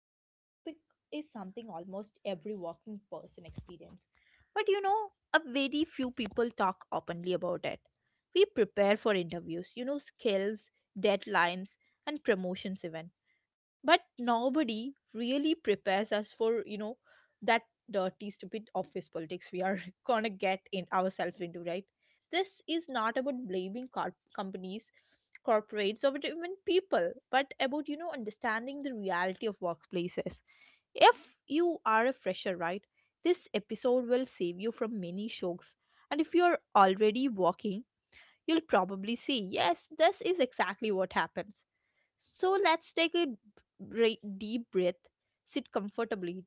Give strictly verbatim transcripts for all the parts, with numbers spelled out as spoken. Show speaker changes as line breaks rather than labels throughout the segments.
And today's topic is something almost every working person experience. But you know, a very few people talk openly about it. We prepare for interviews, you know, skills, deadlines, and promotions, even. But nobody really prepares us for, you know, that dirty, stupid office politics we are gonna get in ourselves into, right? This is not about blaming corp- companies corporates or even people, but about you know understanding the reality of workplaces. If you are a fresher, right, this episode will save you from many shocks. And if you are already working, you'll probably see yes, this is exactly what happens. So let's take a bre- deep breath, sit comfortably,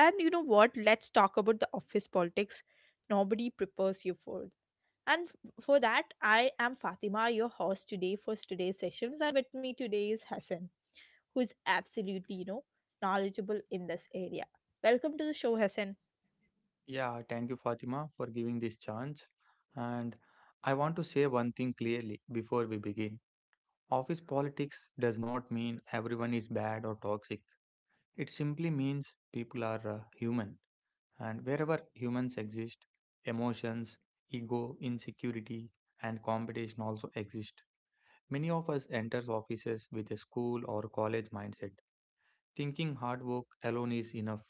and you know what? Let's talk about the office politics nobody prepares you for and f- for that, I am Fatima, your host today for today's sessions. And with me today is Hassan, who is absolutely, you know, knowledgeable in this area. Welcome to the show, Hassan.
Yeah, thank you, Fatima, for giving this chance. And I want to say one thing clearly before we begin. Office politics does not mean everyone is bad or toxic. It simply means people are uh, human. And wherever humans exist, emotions, ego, insecurity, and competition also exist. Many of us enters offices with a school or college mindset, thinking hard work alone is enough,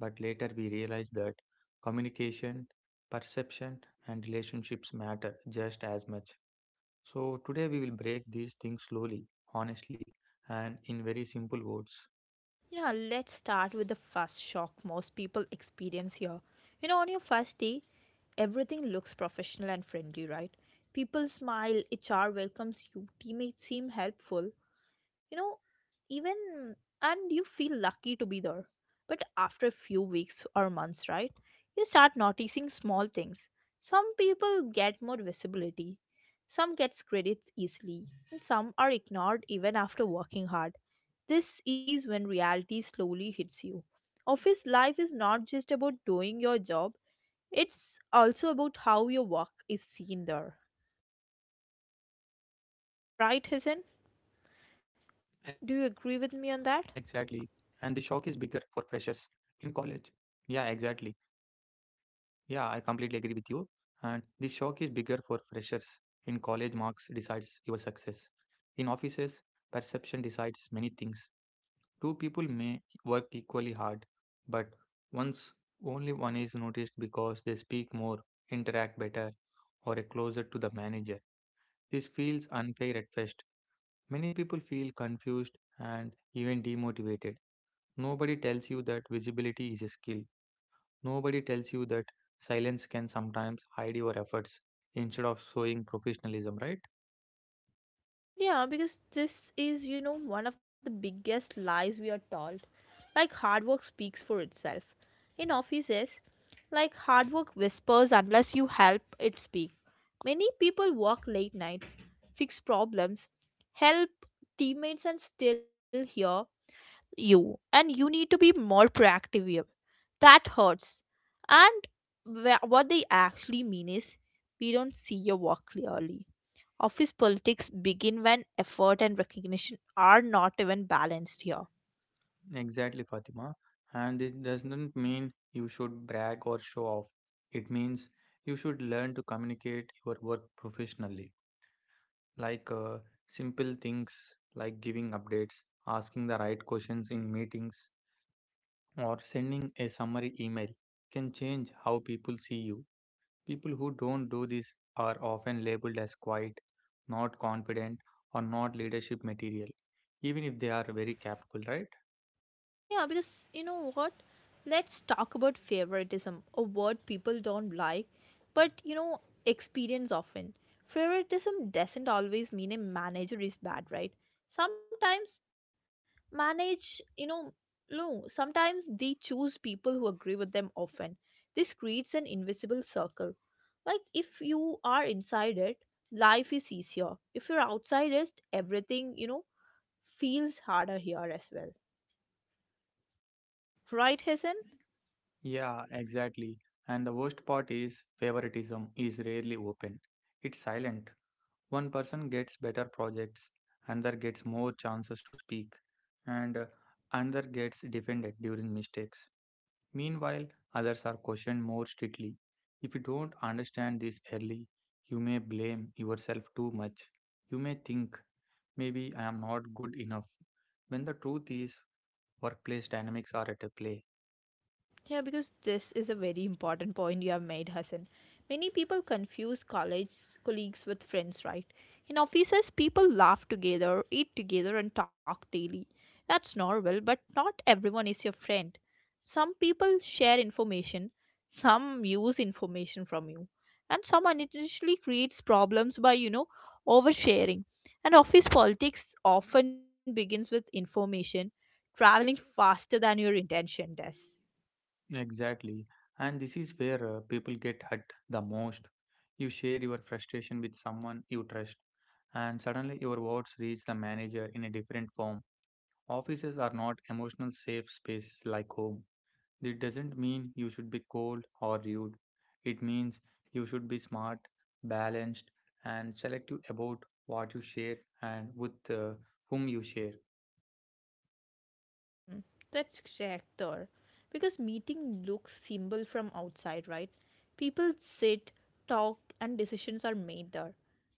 but later we realize that communication, perception, and relationships matter just as much. So, today we will break these things slowly, honestly, and in very simple words.
Yeah, let's start with the first shock most people experience here. You know, on your first day, everything looks professional and friendly, right? People smile, H R welcomes you, teammates seem helpful, you know even, and you feel lucky to be there. But after a few weeks or months, right, you start noticing small things. Some people get more visibility, some gets credits easily, and some are ignored even after working hard. This is when reality slowly hits you. Office life is not just about doing your job, it's also about how your work is seen there,
Exactly.
right, Hasan?
And the shock is bigger for
Do you
freshers
agree with me on
in
that?
college. Yeah, exactly. Yeah, I completely agree with you. And the shock is bigger for freshers in college, marks decides your success. In offices, perception decides many things. Two people may work equally hard, but once only one is noticed because they speak more, interact better, or are closer to the manager. This feels unfair at first. Many people feel confused and even demotivated. Nobody tells you that visibility is a skill. Nobody tells you that silence can sometimes hide your efforts instead of showing professionalism, right?
Yeah, because this is, you know, one of the biggest lies we are told. Like hard work speaks for itself. In offices, like hard work whispers unless you help it speak. Many people work late nights, fix problems, help teammates and still hear you. And you need to be more proactive here. That hurts. And wha- what they actually mean is we don't see your work clearly. Office politics begin when effort and recognition are not even balanced here.
Exactly, Fatima. And it doesn't mean you should brag or show off. It means you should learn to communicate your work professionally. Like uh, simple things like giving updates, asking the right questions in meetings, or sending a summary email can change how people see you. People who don't do this are often labeled as quiet, not confident, or not leadership material, even if they are very capable, right?
Yeah, because you know what? Let's talk about favoritism, a word people don't like, but you know, experience often. Favoritism doesn't always mean a manager is bad, right? Sometimes manage, you know, no, sometimes they choose people who agree with them often. This creates an invisible circle. Like if you are inside it, life is easier. If you're outside it, everything, you know, feels harder here as well. Right, Hasan?
Yeah, exactly. And the worst part is favoritism is rarely open. It's silent. One person gets better projects, another gets more chances to speak, and uh, another gets defended during mistakes. Meanwhile, others are questioned more strictly. If you don't understand this early, you may blame yourself too much. You may think, maybe I am not good enough, when the truth is, workplace dynamics are at play.
Yeah, because this is a very important point you have made, Hassan. Many people confuse college colleagues with friends, right? In offices, people laugh together, eat together, and talk daily. That's normal, but not everyone is your friend. Some people share information, some use information from you, and some unintentionally creates problems by, you know, oversharing. And office politics often begins with information traveling faster than your intention does.
Exactly. And this is where uh, people get hurt the most. You share your frustration with someone you trust, and suddenly your words reach the manager in a different form. Offices are not emotional safe spaces like home. This doesn't mean you should be cold or rude. It means you should be smart, balanced, and selective about what you share and with uh, whom you share.
Mm, that's correct, or because meeting looks simple from outside, right? People sit, talk, and decisions are made there.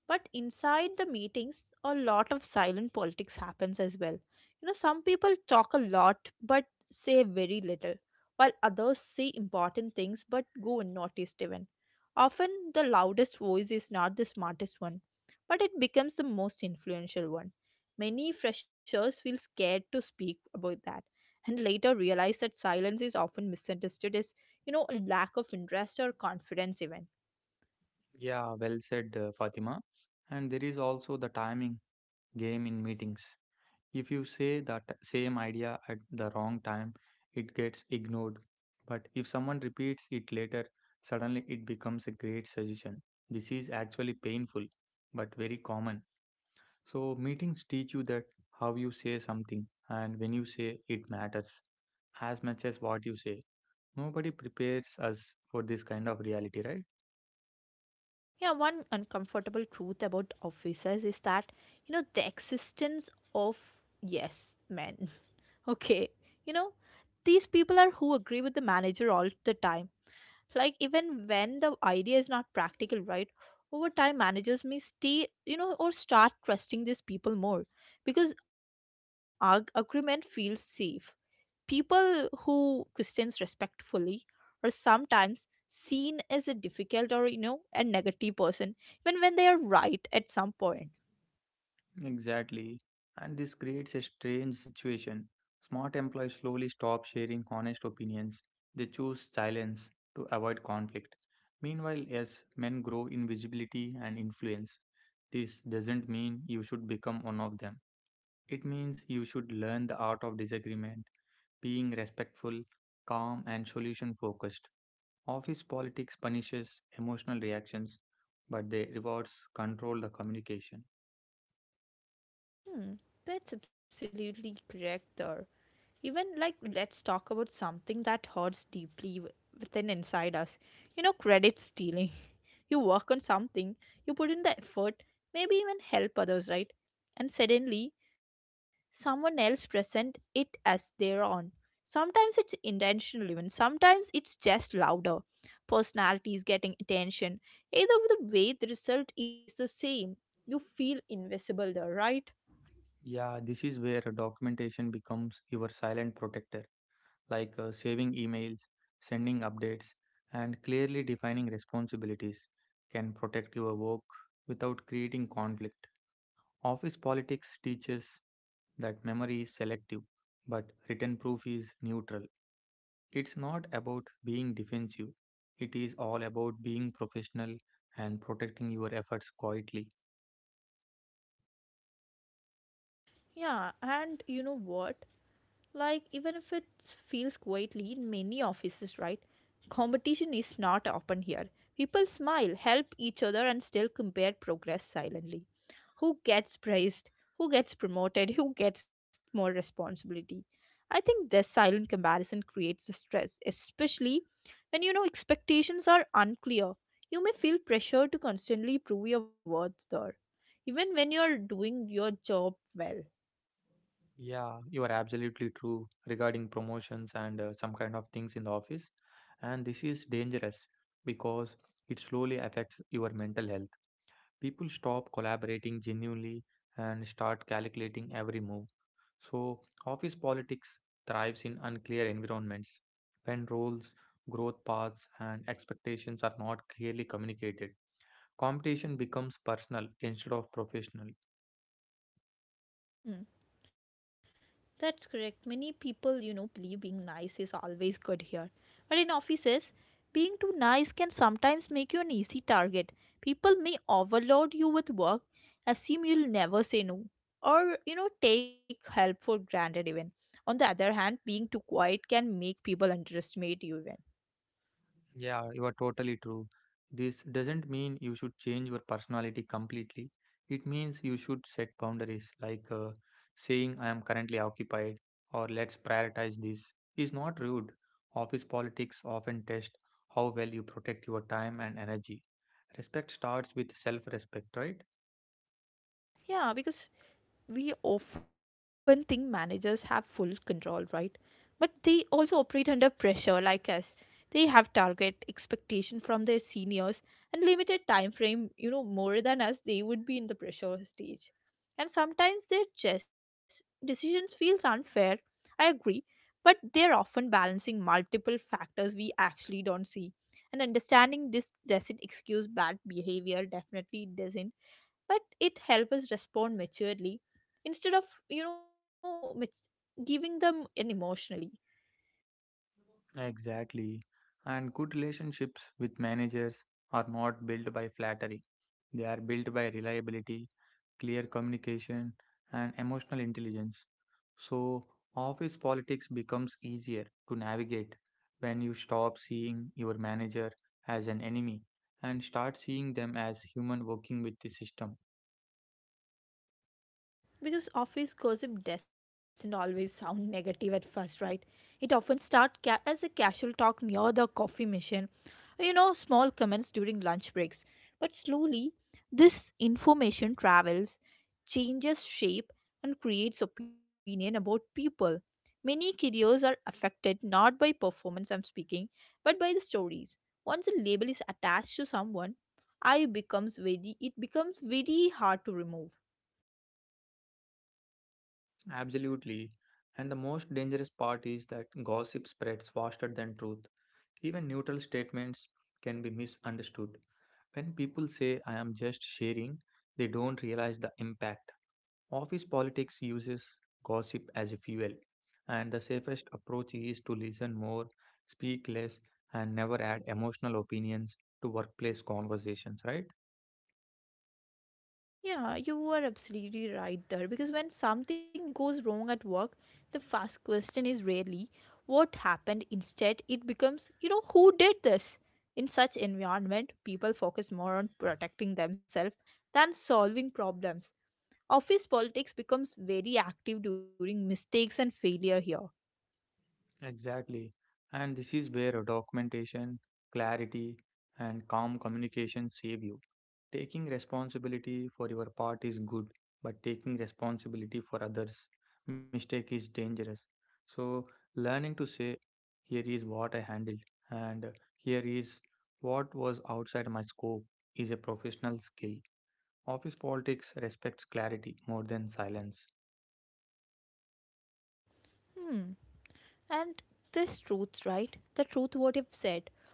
But inside the meetings, a lot of silent politics happens as well. You know, some people talk a lot but say very little, while others say important things but go unnoticed even. Often, the loudest voice is not the smartest one, but it becomes the most influential one. Many freshers feel scared to speak about that and later realized that silence is often misunderstood as, you know, a lack of interest or confidence, even.
Yeah, well said, uh, Fatima. And there is also the timing game in meetings. If you say that same idea at the wrong time, it gets ignored. But if someone repeats it later, suddenly it becomes a great suggestion. This is actually painful, but very common. So, meetings teach you that how you say something and when you say it matters as much as what you say. Nobody prepares us for this kind of reality, right?
Yeah, one uncomfortable truth about officers is that, you know, the existence of yes men. Okay, you know, these people are who agree with the manager all the time. Like, even when the idea is not practical, right? Over time, managers may stay, you know, or start trusting these people more because arg- agreement feels safe. People who Christians respectfully are sometimes seen as a difficult or you know a negative person even when they are right at some point.
Exactly. And this creates a strange situation. Smart employees slowly stop sharing honest opinions. They choose silence to avoid conflict. Meanwhile, as men grow in visibility and influence, this doesn't mean you should become one of them. It means you should learn the art of disagreement, being respectful, calm, and solution focused. Office politics punishes emotional reactions, but they rewards control the communication.
Hmm, that's absolutely correct there. Even like let's talk about something that hurts deeply w- within inside us. You know, credit stealing. You work on something, you put in the effort, maybe even help others, right? And suddenly, someone else present it as their own. Sometimes it's intentional, even sometimes it's just louder. Personality is getting attention. Either the way, the result is the same. You feel invisible there, right?
Yeah, this is where documentation becomes your silent protector, like uh, saving emails, sending updates, and clearly defining responsibilities can protect your work without creating conflict. Office politics teaches that memory is selective, but written proof is neutral. It's not about being defensive, it is all about being professional and protecting your efforts quietly.
Yeah, and you know what? Like, even if it feels quietly in many offices, right? Competition is not open here. People smile, help each other, and still compare progress silently. Who gets praised? Who gets promoted? Who gets more responsibility? I think this silent comparison creates the stress, especially when you know expectations are unclear. You may feel pressure to constantly prove your worth there, even when you're doing your job well.
Yeah, you are absolutely true regarding promotions and uh, some kind of things in the office. And this is dangerous because it slowly affects your mental health. People stop collaborating genuinely and start calculating every move. So, office politics thrives in unclear environments when roles, growth paths, and expectations are not clearly communicated. Competition becomes personal instead of professional.
Hmm. That's correct. Many people, you know, believe being nice is always good here. But in offices, being too nice can sometimes make you an easy target. People may overload you with work, assume you'll never say no, or, you know, take help for granted even. On the other hand, being too quiet can make people underestimate you even.
Yeah, you are totally true. This doesn't mean you should change your personality completely. It means you should set boundaries, like uh, saying, I am currently occupied, or let's prioritize this, is not rude. Office politics often test how well you protect your time and energy. Respect starts with self respect, right?
Yeah, because we often think managers have full control, right? But they also operate under pressure like us. They have target expectation from their seniors and limited time frame, you know, more than us, they would be in the pressure stage. And sometimes their just decisions feels unfair. I agree, but they're often balancing multiple factors we actually don't see. And understanding this doesn't excuse bad behavior, definitely doesn't, but it helps us respond maturely instead of you know mat- giving them in emotionally.
Exactly. And good relationships with managers are not built by flattery, they are built by reliability, clear communication, and emotional intelligence. So, office politics becomes easier to navigate when you stop seeing your manager as an enemy and start seeing them as human working with the system.
Because office gossip doesn't always sound negative at first, right? It often starts ca- as a casual talk near the coffee machine, you know, small comments during lunch breaks. But slowly, this information travels, changes shape, and creates opinion about people. Many careers are affected not by performance I'm speaking, but by the stories. Once a label is attached to someone, I becomes very it becomes very hard to remove.
Absolutely. And the most dangerous part is that gossip spreads faster than truth. Even neutral statements can be misunderstood. When people say, I am just sharing, they don't realize the impact. Office politics uses gossip as a fuel, and the safest approach is to listen more, speak less, and never add emotional opinions to workplace conversations, right?
Yeah, you are absolutely right there because when something goes wrong at work, the first question is rarely what happened. Instead, it becomes, you know, who did this? In such environment, people focus more on protecting themselves than solving problems. Office politics becomes very active during mistakes and failure here.
Exactly. And this is where documentation, clarity, and calm communication save you. Taking responsibility for your part is good, but taking responsibility for others' mistake is dangerous. So, learning to say, here is what I handled, and here is what was outside my scope, is a professional skill. Office politics respects clarity more than silence.
Hmm. And this truth, right? The truth what you've said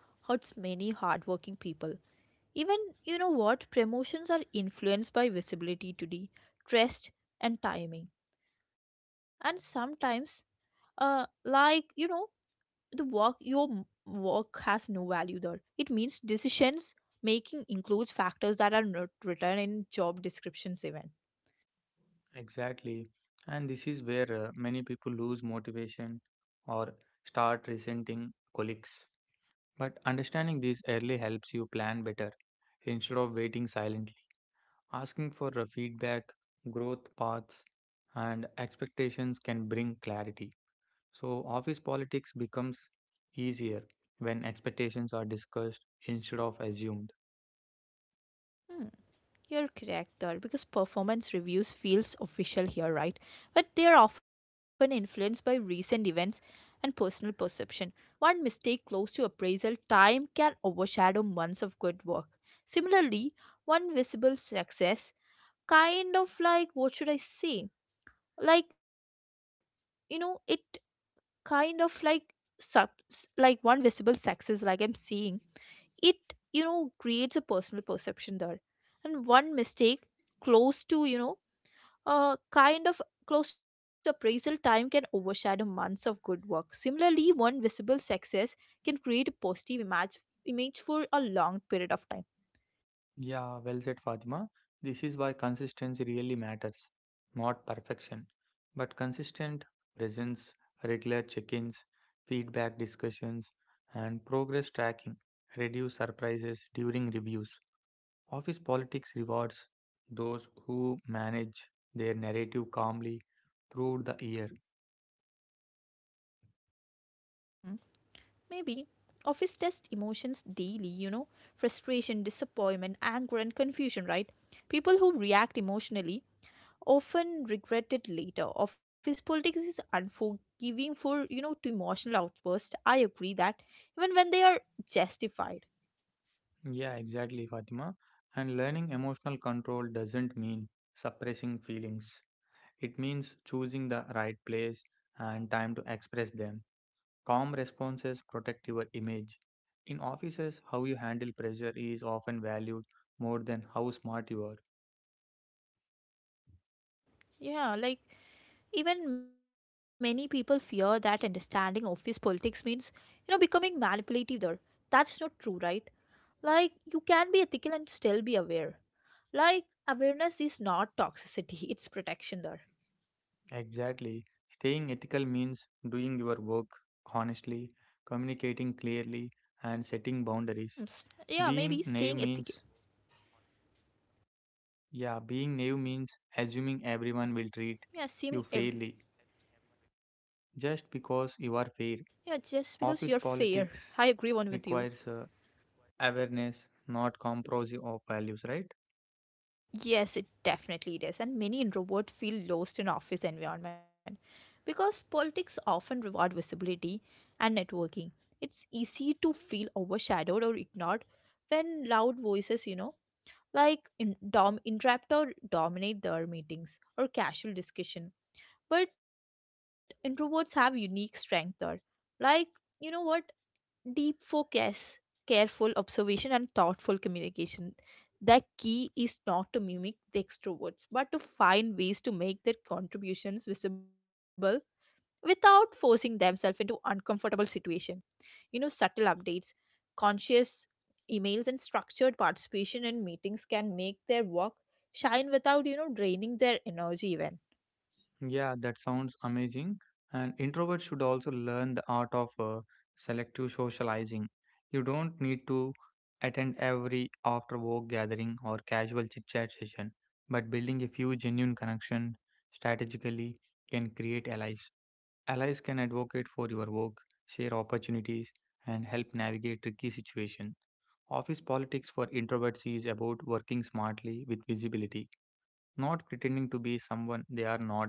hurts many hardworking people. Even, you know what, promotions are influenced by visibility today, trust, and timing. And sometimes, uh, like, you know, the work, your m- work has no value there. It means decisions making includes factors that are not written in job descriptions even.
Exactly. And this is where uh, many people lose motivation or start resenting colleagues. But understanding this early helps you plan better instead of waiting silently. Asking for a feedback, growth paths, and expectations can bring clarity. So, office politics becomes easier when expectations are discussed instead of assumed.
Hmm. You're correct there because performance reviews feels official here, right? But they are often influenced by recent events and personal perception. One mistake close to appraisal time can overshadow months of good work. Similarly, one visible success kind of like what should I say? Like you know, it kind of like sub s- like one visible success like I'm seeing it you know creates a personal perception there and one mistake close to you know uh kind of close to appraisal time can overshadow months of good work, similarly one visible success can create a positive image image for a long period of time.
Yeah, well said, Fatima. This is why consistency really matters, not perfection, but consistent presence, regular check ins, feedback discussions, and progress tracking reduce surprises during reviews. Office politics rewards those who manage their narrative calmly through the year.
Hmm? Maybe office test emotions daily, you know, frustration, disappointment, anger and confusion, right? People who react emotionally often regretted later. Office politics is unforgiving for, you know, to emotional outbursts. I agree that even when they are justified.
Yeah, exactly, Fatima. And learning emotional control doesn't mean suppressing feelings. It means choosing the right place and time to express them. Calm responses protect your image. In offices, how you handle pressure is often valued more than how smart you are.
Yeah, like even many people fear that understanding office politics means, you know, becoming manipulative there. That's not true, right? Like you can be ethical and still be aware. Like awareness is not toxicity, it's protection there.
Exactly. Staying ethical means doing your work honestly,
Hmm,
communicating
s-
clearly,
Yeah, maybe
and
staying
setting
ethical.
boundaries. Being naive means, yeah, being naive means assuming
Yeah,
everyone
assuming
will treat
every.
you fairly just because you are
Yeah,
fair.
just because you're
Office
fair. I
politics
agree one with you.
requires uh, awareness, not compromise of values, right?
Yes, it definitely is. And many introverts feel lost in office environment because politics often reward visibility and networking. It's easy to feel overshadowed or ignored when loud voices, you know, like in dom interrupt or dominate their meetings or casual discussion. But introverts have unique strength there. Like, you know what? Deep focus, careful observation, and thoughtful communication. The key is not to mimic the extroverts, but to find ways to make their contributions visible without forcing themselves into uncomfortable situations. You know, subtle updates, conscious emails, and structured participation in meetings can make their work shine without, you know, draining their energy even.
Yeah, that sounds amazing. And introverts should also learn the art of uh, selective socializing. You don't need to attend every after work gathering or casual chit chat session, but building a few genuine connections strategically can create allies. Allies can advocate for your work, share opportunities, and help navigate tricky situations. Office politics for introverts is about working smartly with visibility, not pretending to be someone they are not.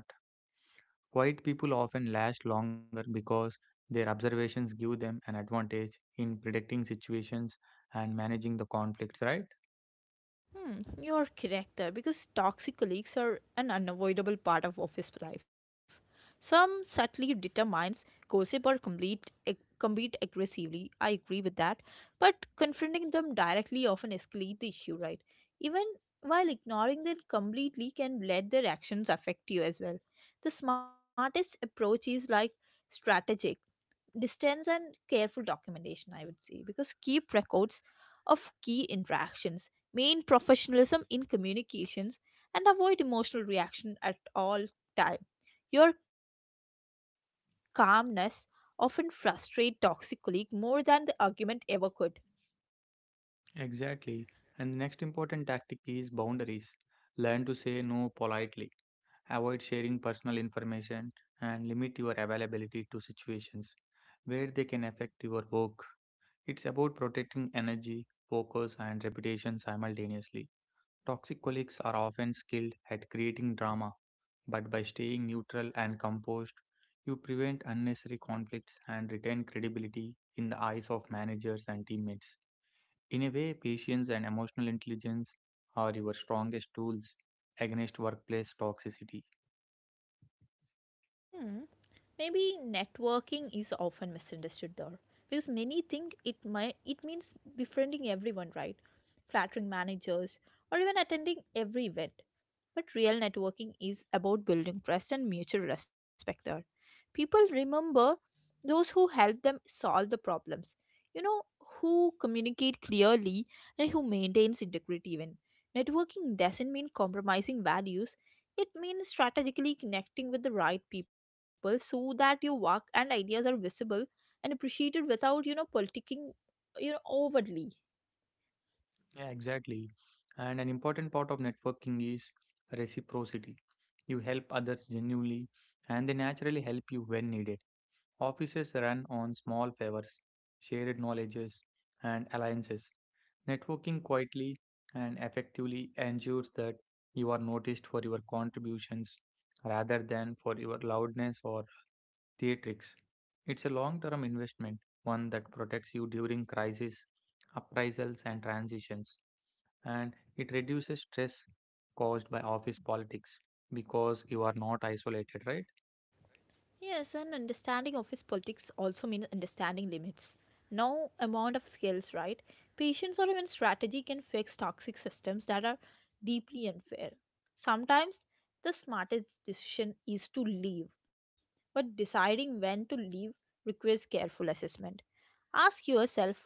Quiet people often last longer because their observations give them an advantage in predicting situations and managing the conflicts, right?
Hmm, you're correct there because toxic colleagues are an unavoidable part of office life. Some subtly determines gossip or complete ag- compete aggressively. I agree with that, but confronting them directly often escalate the issue, right? Even while ignoring them completely can let their actions affect you as well. The smartest approach is like strategic distance and careful documentation, I would say, because keep records of key interactions, main professionalism in communications, and avoid emotional reaction at all time. Your calmness often frustrate toxic colleague more than the argument ever could.
Exactly. And the next important tactic is boundaries. Learn to say no politely, avoid sharing personal information, and limit your availability to situations where they can affect your work. It's about protecting energy, focus, and reputation simultaneously. Toxic colleagues are often skilled at creating drama, but by staying neutral and composed, you prevent unnecessary conflicts and retain credibility in the eyes of managers and teammates. In a way, patience and emotional intelligence are your strongest tools against workplace toxicity.
hmm. Maybe networking is often misunderstood there because many think it might it means befriending everyone, right? Flattering managers, or even attending every event. But real networking is about building trust and mutual respect. There. People remember those who help them solve the problems, you know, who communicate clearly and who maintains integrity even. Networking doesn't mean compromising values. It means strategically connecting with the right people so that your work and ideas are visible and appreciated without, you know, politicking, you know, overtly.
Yeah, exactly. And an important part of networking is reciprocity. You help others genuinely, and they naturally help you when needed. Offices run on small favors, shared knowledges, and alliances. Networking quietly and effectively ensures that you are noticed for your contributions rather than for your loudness or theatrics. It's a long term investment, one that protects you during crises, uprisals, and transitions, and it reduces stress caused by office politics because you are not isolated, right?
Yes, and understanding office politics also means understanding limits. No amount of skills, right? Patience or even strategy can fix toxic systems that are deeply unfair. Sometimes the smartest decision is to leave, but deciding when to leave requires careful assessment. Ask yourself,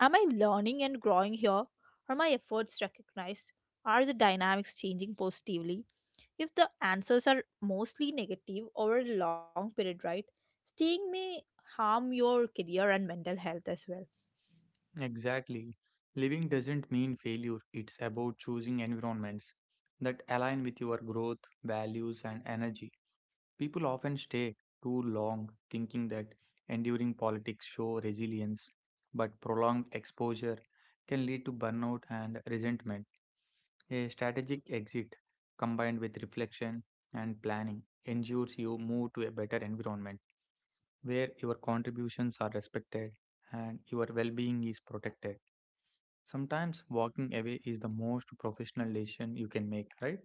am I learning and growing here? Are my efforts recognized? Are the dynamics changing positively? If the answers are mostly negative over a long period, right, staying may harm your career and mental health as well.
Exactly. Living doesn't mean failure, it's about choosing environments that align with your growth, values, and energy. People often stay too long thinking that enduring politics show resilience, but prolonged exposure can lead to burnout and resentment. A strategic exit combined with reflection and planning ensures you move to a better environment where your contributions are respected and your well-being is protected. Sometimes walking away is the most professional decision you can make, right?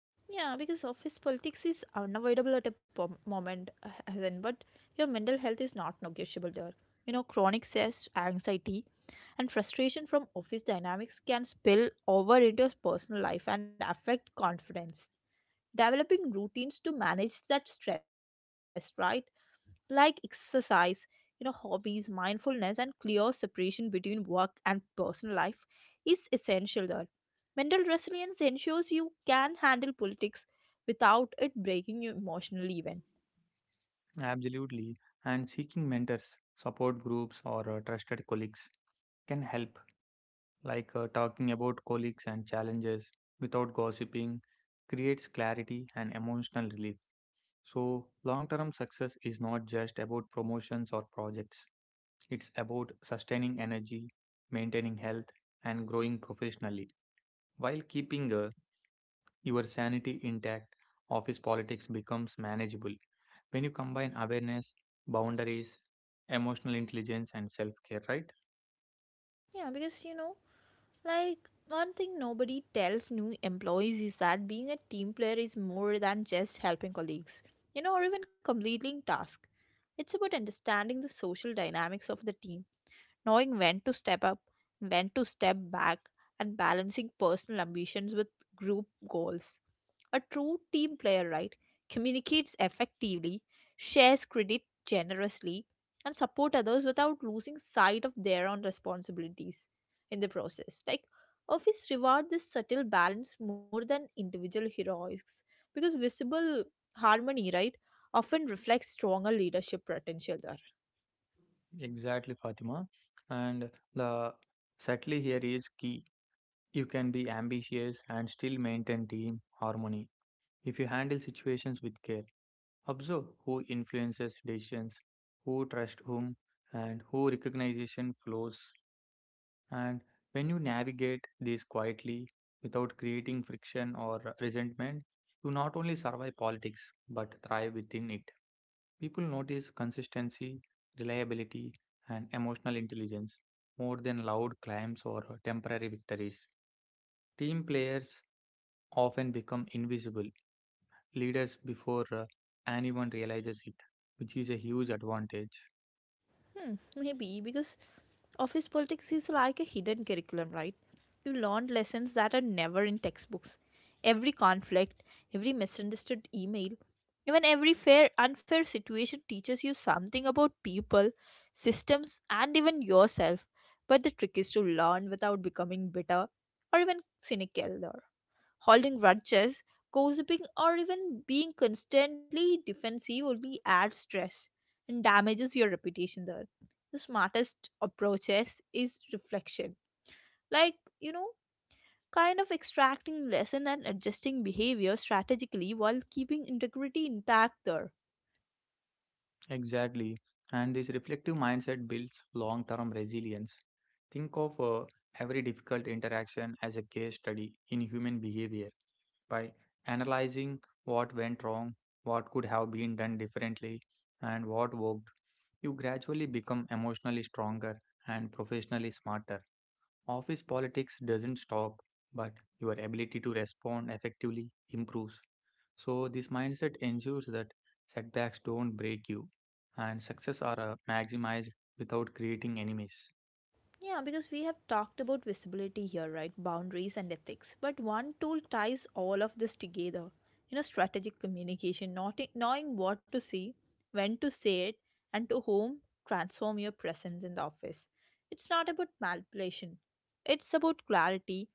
Yeah, because office politics is unavoidable at a pom- moment, uh, as in, but your mental health is not negotiable there. You know, chronic stress, anxiety, and frustration from office dynamics can spill over into your personal life and affect confidence. Developing routines to manage that stress, right? Like exercise, you know, hobbies, mindfulness, and clear separation between work and personal life is essential there. Mental resilience ensures you can handle politics without it breaking you emotionally, even.
Absolutely. And seeking mentors, support groups, or uh, trusted colleagues can help, like uh, talking about colleagues and challenges without gossiping creates clarity and emotional relief. So, long term success is not just about promotions or projects, it's about sustaining energy, maintaining health, and growing professionally while keeping a your sanity intact. Office politics becomes manageable when you combine awareness, boundaries, emotional intelligence, and self care, right?
Yeah, because you know, like, one thing nobody tells new employees is that being a team player is more than just helping colleagues, you know, or even completing tasks. It's about understanding the social dynamics of the team, knowing when to step up, when to step back, and balancing personal ambitions with group goals. A true team player, right, communicates effectively, shares credit generously, and support others without losing sight of their own responsibilities in the process. Like, office reward this subtle balance more than individual heroics because visible harmony, right, often reflects stronger leadership potential there.
Exactly, Fatima. And the subtly here is key. You can be ambitious and still maintain team harmony if you handle situations with care. Observe who influences decisions, who trusts whom, and who recognition flows. And when you navigate this quietly without creating friction or resentment, you not only survive politics but thrive within it. People notice consistency, reliability, and emotional intelligence more than loud claims or temporary victories. Team players often become invisible leaders before uh, anyone realizes it, which is a huge advantage.
Hmm, maybe because office politics is like a hidden curriculum, right? You learn lessons that are never in textbooks. Every conflict, every misunderstood email, even every fair unfair situation teaches you something about people, systems, and even yourself. But the trick is to learn without becoming bitter or even cynical. Holding grudges, gossiping, or even being constantly defensive only adds stress and damages your reputation there. The smartest approaches is reflection. Like, you know, kind of extracting lesson and adjusting behavior strategically while keeping integrity intact there.
Exactly. And this reflective mindset builds long term resilience. Think of uh, every difficult interaction as a case study in human behavior. By analyzing what went wrong, what could have been done differently, and what worked, you gradually become emotionally stronger and professionally smarter. Office politics doesn't stop, but your ability to respond effectively improves. So, this mindset ensures that setbacks don't break you and success are uh, maximized without creating enemies.
Yeah, because we have talked about visibility here, right? Boundaries and ethics. But one tool ties all of this together. You know, strategic communication, not knowing what to see, when to say it, and to whom transform your presence in the office. It's not about manipulation. It's about clarity,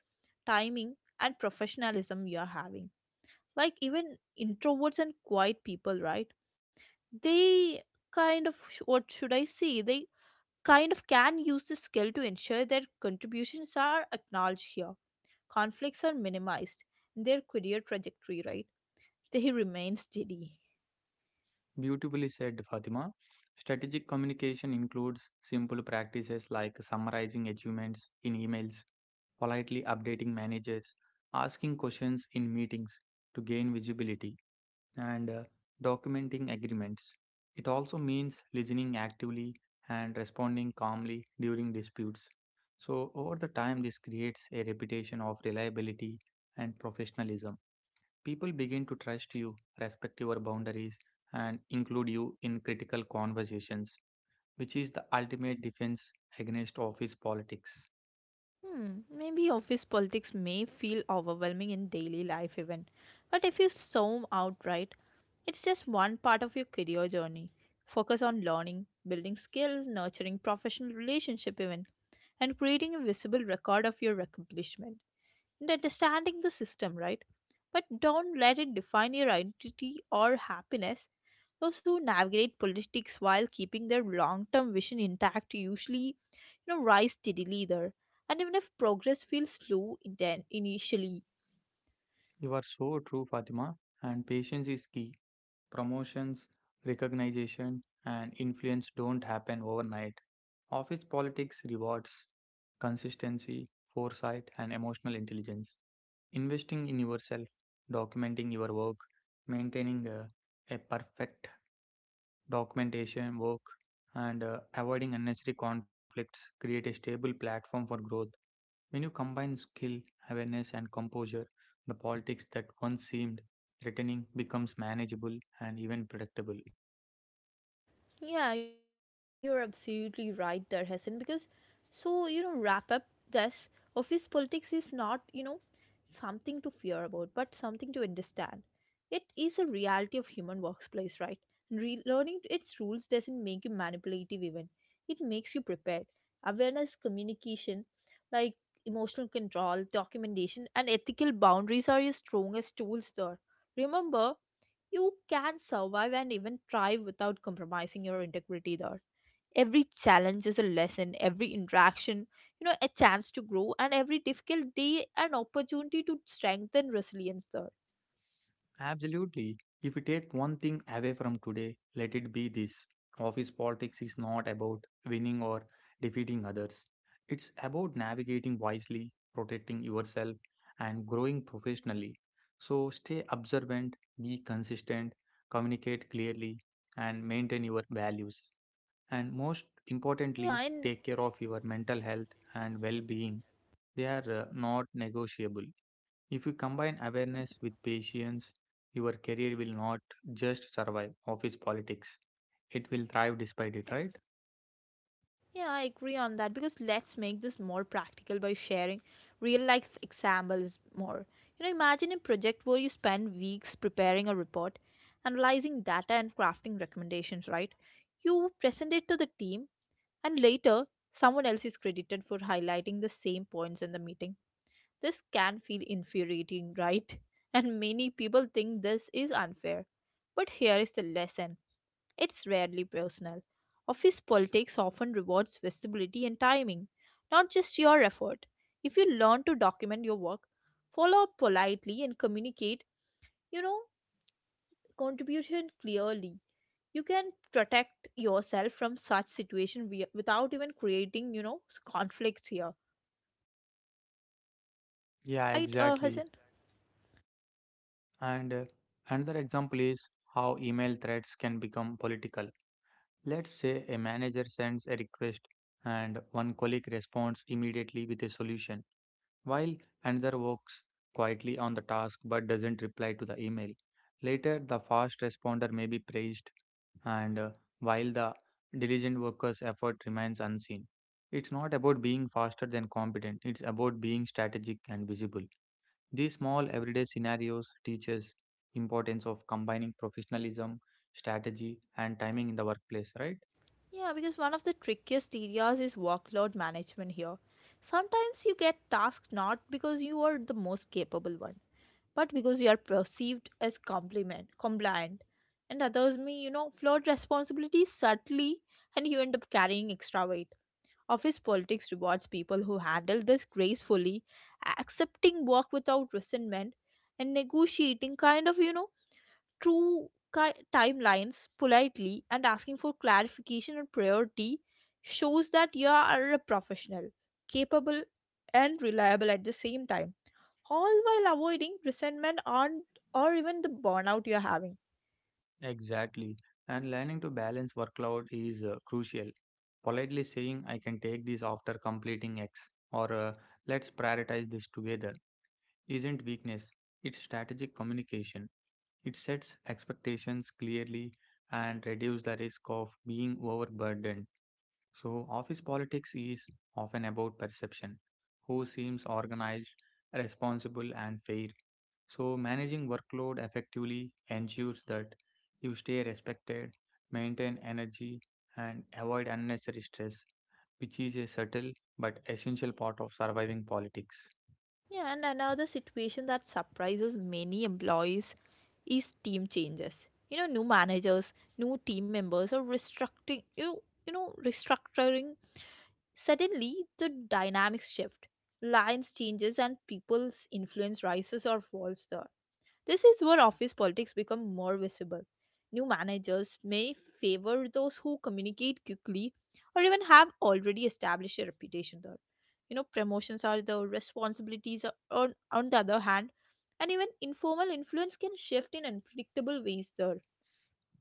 timing, and professionalism you're having. Like, even introverts and quiet people, right? They kind of sh- what should I say? They kind of can use this skill to ensure their contributions are acknowledged here. Conflicts are minimized in their career trajectory, right? They remain steady.
Beautifully said, Fatima. Strategic communication includes simple practices like summarizing achievements in emails, politely updating managers, asking questions in meetings to gain visibility, and uh, documenting agreements. It also means listening actively and responding calmly during disputes. So, over the time, this creates a reputation of reliability and professionalism. People begin to trust you, respect your boundaries, and include you in critical conversations, which is the ultimate defense against office politics.
Hmm, maybe office politics may feel overwhelming in daily life, even. But if you zoom out, right, it's just one part of your career journey. Focus on learning, building skills, nurturing professional relationship even, and creating a visible record of your accomplishment, and understanding the system, right? But don't let it define your identity or happiness. Those who navigate politics while keeping their long term vision intact usually, you know, rise steadily there. And even if progress feels slow inten- initially.
You are so true, Fatima, and patience is key. Promotions, recognition, and influence don't happen overnight. Office politics rewards consistency, foresight, and emotional intelligence. Investing in yourself, documenting your work, maintaining a, a perfect documentation work, and uh, avoiding unnecessary conflicts create a stable platform for growth. When you combine skill, awareness, and composure, the politics that once seemed threatening becomes manageable and even predictable.
Yeah, you're absolutely right there, Hassan. Because, so, you know, wrap up this office politics is not, you know, something to fear about, but something to understand. It is a reality of human workplace, right? And relearning its rules doesn't make you manipulative even. It makes you prepared. Awareness, communication, like emotional control, documentation, and ethical boundaries are your strongest tools there. Remember, you can survive and even thrive without compromising your integrity there. Every challenge is a lesson, every interaction, you know, a chance to grow, and every difficult day an opportunity to strengthen resilience there.
Absolutely. If we take one thing away from today, let it be this. Office politics is not about winning or defeating others. It's about navigating wisely, protecting yourself, and growing professionally. So stay observant, be consistent, communicate clearly, and maintain your values. And most
Yeah, and
importantly, take care of your mental health and well being. They are uh, not negotiable. If you combine awareness with patience, your career will not just survive office politics. It will thrive despite it, right?
yeah, I agree on that because let's make this more practical by sharing real life examples more. You know, imagine a project where you spend weeks preparing a report, analyzing data, and crafting recommendations, right? You present it to the team, and later, someone else is credited for highlighting the same points in the meeting. This can feel infuriating, right? And many people think this is unfair. But here is the lesson, it's rarely personal. Office politics often rewards visibility and timing, not just your effort. If you learn to document your work, follow up politely, and communicate, you know, contribution clearly, you can protect yourself from such situation wi- without even creating, you know, conflicts here.
Yeah,
Right, uh,
exactly.
Hassan?
And uh, another example is how email threads can become political. Let's say a manager sends a request and one colleague responds immediately with a solution, while another works quietly on the task but doesn't reply to the email. Later, the fast responder may be praised, and uh, while the diligent worker's effort remains unseen. It's not about being faster than competent, it's about being strategic and visible. These small everyday scenarios teach us importance of combining professionalism, strategy and timing in the workplace, right?
Yeah, because one of the trickiest areas is workload management here. Sometimes you get tasked not because you are the most capable one, but because you are perceived as compliment, compliant, and others may, you know, float responsibilities subtly and you end up carrying extra weight. Office politics rewards people who handle this gracefully, accepting work without resentment, and negotiating kind of, you know, true ki- timelines politely and asking for clarification and priority shows that you are a professional, capable, and reliable at the same time, all while avoiding resentment and or even the burnout you're having.
Exactly. And learning to balance workload is uh, crucial. Politely saying, I can take this after completing X, or uh, let's prioritize this together, isn't weakness. It's strategic communication. It sets expectations clearly and reduces the risk of being overburdened. So, office politics is often about perception, who seems organized, responsible, and fair, so, managing workload effectively ensures that you stay respected, maintain energy, and avoid unnecessary stress, which is a subtle but essential part of surviving politics.
Yeah, and another situation that surprises many employees is team changes. You know, new managers, new team members, or restructuring you you know restructuring Suddenly, the dynamics shift. Lines changes and people's influence rises or falls there. This is where office politics become more visible. New managers may favor those who communicate quickly or even have already established a reputation there. You know, promotions are the responsibilities are on, on the other hand, and even informal influence can shift in unpredictable ways there.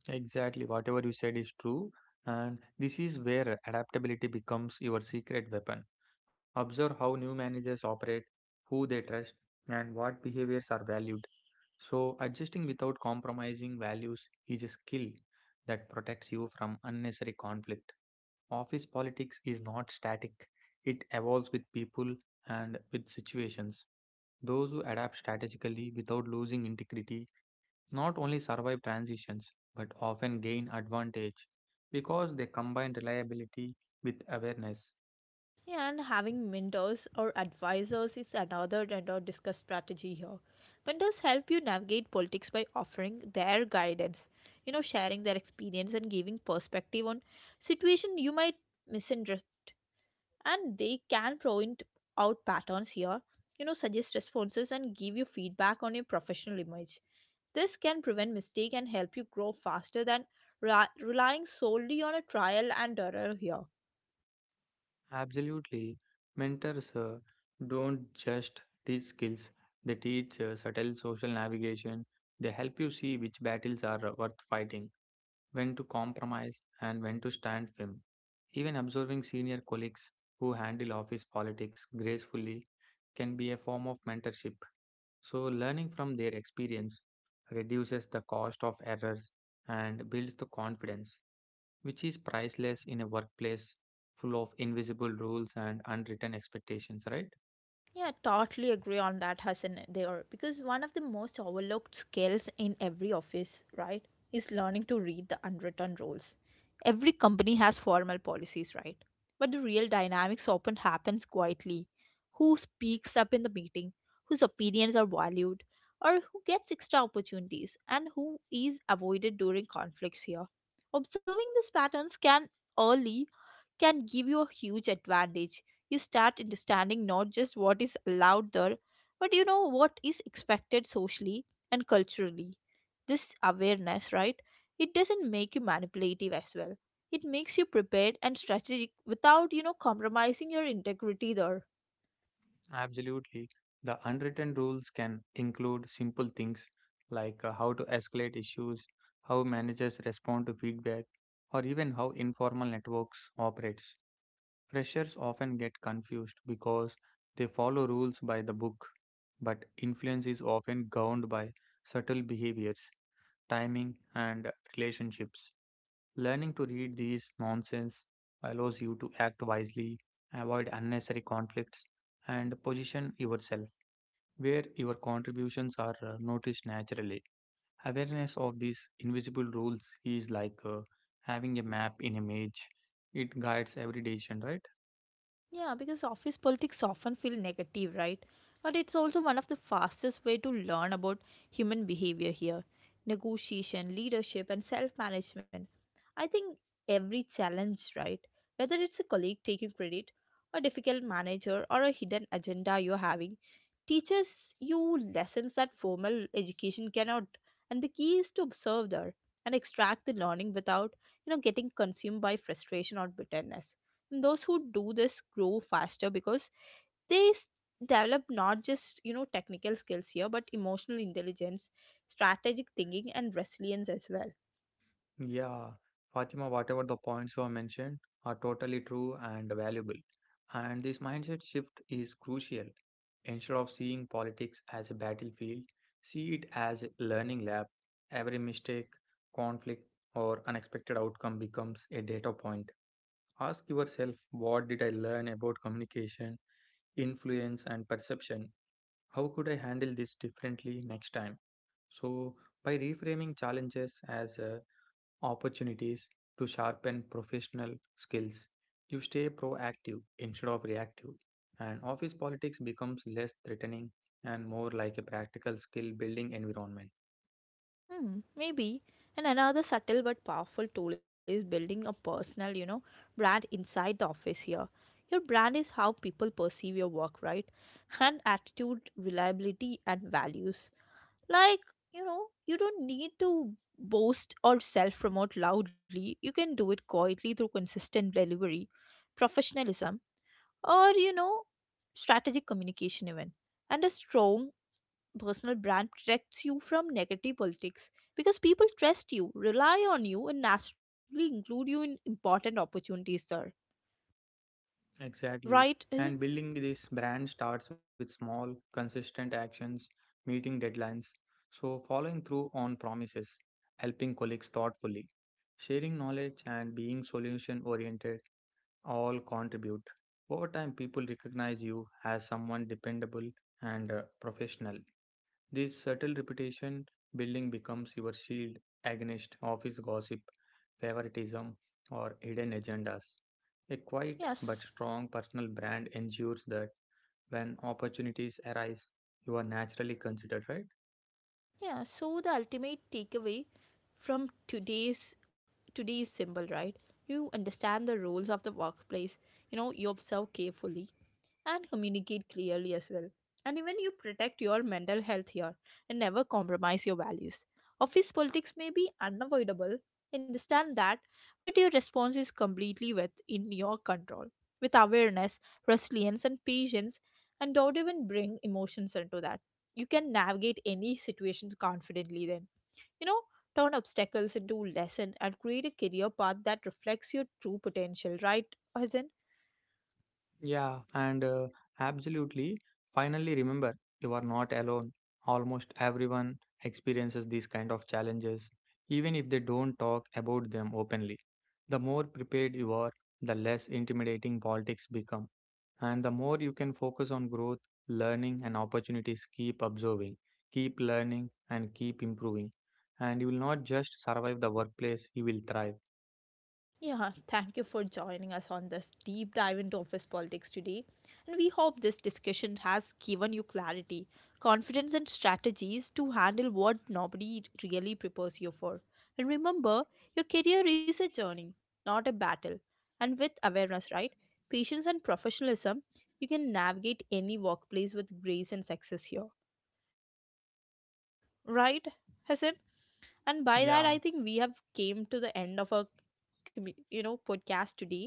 Exactly, whatever you said is true, and this is where adaptability becomes your secret weapon. Observe how new managers operate, who they trust, and what behaviors are valued. So, adjusting without compromising values is a skill that protects you from unnecessary conflict. Office politics is not static, it evolves with people and with situations. Those who adapt strategically without losing integrity not only survive transitions but often gain advantage because they combine reliability with awareness.
Yeah, and having mentors or advisors is another another discuss strategy here. Mentors help you navigate politics by offering their guidance, you know, sharing their experience and giving perspective on situation you might misunderstand. And they can point out patterns here, you know, suggest responses and give you feedback on your professional image. This can prevent mistake and help you grow faster than ra- relying solely on a trial and error here.
Absolutely. Mentors uh, don't just teach skills, they teach uh, subtle social navigation. They help you see which battles are uh, worth fighting, when to compromise, and when to stand firm. Even observing senior colleagues who handle office politics gracefully can be a form of mentorship. So, learning from their experience reduces the cost of errors and builds the confidence which is priceless in a workplace full of invisible rules and unwritten expectations, right?
Yeah, totally agree on that, Hassan. There, because one of the most overlooked skills in every office, right, is learning to read the unwritten rules. Every company has formal policies, right? But the real dynamics often happens quietly. Who speaks up in the meeting? Whose opinions are valued? Or who gets extra opportunities? And who is avoided during conflicts here? Observing these patterns can early can give you a huge advantage. You start understanding not just what is allowed there, but you know what is expected socially and culturally. This awareness, right? It doesn't make you manipulative as well. It makes you prepared and strategic without, you know, compromising your integrity there.
Absolutely. The unwritten rules can include simple things like uh, how to escalate issues, how managers respond to feedback, or even how informal networks operates. Freshers often get confused because they follow rules by the book, but influence is often governed by subtle behaviors, timing, and relationships. Learning to read these nonsense allows you to act wisely, avoid unnecessary conflicts, and position yourself where your contributions are uh, noticed naturally. Awareness of these invisible rules is like uh, having a map in a maze. It guides every decision, right?
Yeah, because office politics often feel negative, right? But it's also one of the fastest way to learn about human behavior here. Negotiation, leadership and self-management. I think every challenge, right? Whether it's a colleague taking credit, a difficult manager or a hidden agenda you're having, teaches you lessons that formal education cannot. And the key is to observe there and extract the learning without, you know, getting consumed by frustration or bitterness, and those who do this grow faster because they s- develop not just, you know, technical skills here but emotional intelligence, strategic thinking and resilience as well.
Yeah, Fatima, whatever the points you have mentioned are totally true and valuable. And this mindset shift is crucial. Instead of seeing politics as a battlefield, see it as a learning lab. Every mistake, conflict, or unexpected outcome becomes a data point. Ask yourself, what did I learn about communication, influence, and perception? How could I handle this differently next time? So, by reframing challenges as uh, opportunities to sharpen professional skills. You stay proactive instead of reactive, and office politics becomes less threatening and more like a practical skill building environment.
Hmm, maybe. And another subtle but powerful tool is building a personal, you know, brand inside the office here. Your brand is how people perceive your work, right? And attitude, reliability, and values. Like, you know, you don't need to boast or self promote loudly. You can do it quietly through consistent delivery, professionalism, or, you know, strategic communication, even. And a strong personal brand protects you from negative politics because people trust you, rely on you, and naturally include you in important opportunities there. Right?
Exactly.
Is it?
And building this brand starts with small, consistent actions, meeting deadlines, so following through on promises, helping colleagues thoughtfully, sharing knowledge, and being solution oriented all contribute. Over time, people recognize you as someone dependable and uh, professional. This subtle reputation building becomes your shield against office gossip, favoritism, or hidden agendas. A quiet
Yes.
but strong personal brand ensures that when opportunities arise, you are naturally considered, right?
Yeah. So the ultimate takeaway from today's today's symbol, right? You understand the rules of the workplace. You know, you observe carefully, and communicate clearly as well. And even you protect your mental health here and never compromise your values. Office politics may be unavoidable, understand that, but your response is completely within your control. With awareness, resilience, and patience, and don't even bring emotions into that. You can navigate any situations confidently then. You know, turn obstacles into lessons and create a career path that reflects your true potential, right? Arjun?
Yeah, and uh, Absolutely. Finally, remember, you are not alone. Almost everyone experiences these kind of challenges, even if they don't talk about them openly. The more prepared you are, the less intimidating politics become, and the more you can focus on growth, learning, and opportunities. Keep observing, keep learning, and keep improving. And you will not just survive the workplace, you will thrive.
Yeah, thank you for joining us on this deep dive into office politics today. And we hope this discussion has given you clarity, confidence, and strategies to handle what nobody really prepares you for. And remember, your career is a journey, not a battle. And with awareness, right? Patience and professionalism, you can navigate any workplace with grace and success here. Right, Hassan? And by that,
Yeah,
I think we have came to the end of our commu- you know podcast today,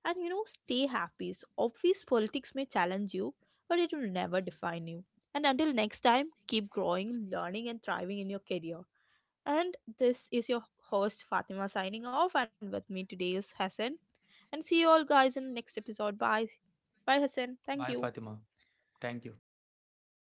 and you know, stay happy. So obvious politics may challenge you but it will never define you, and until next time keep growing, learning and thriving in your career. And this is your host Fatima signing off, and with me today is Hassan, and see you all guys in the next episode. Bye. Bye Hassan, thank
bye,
you.
Fatima. Thank you.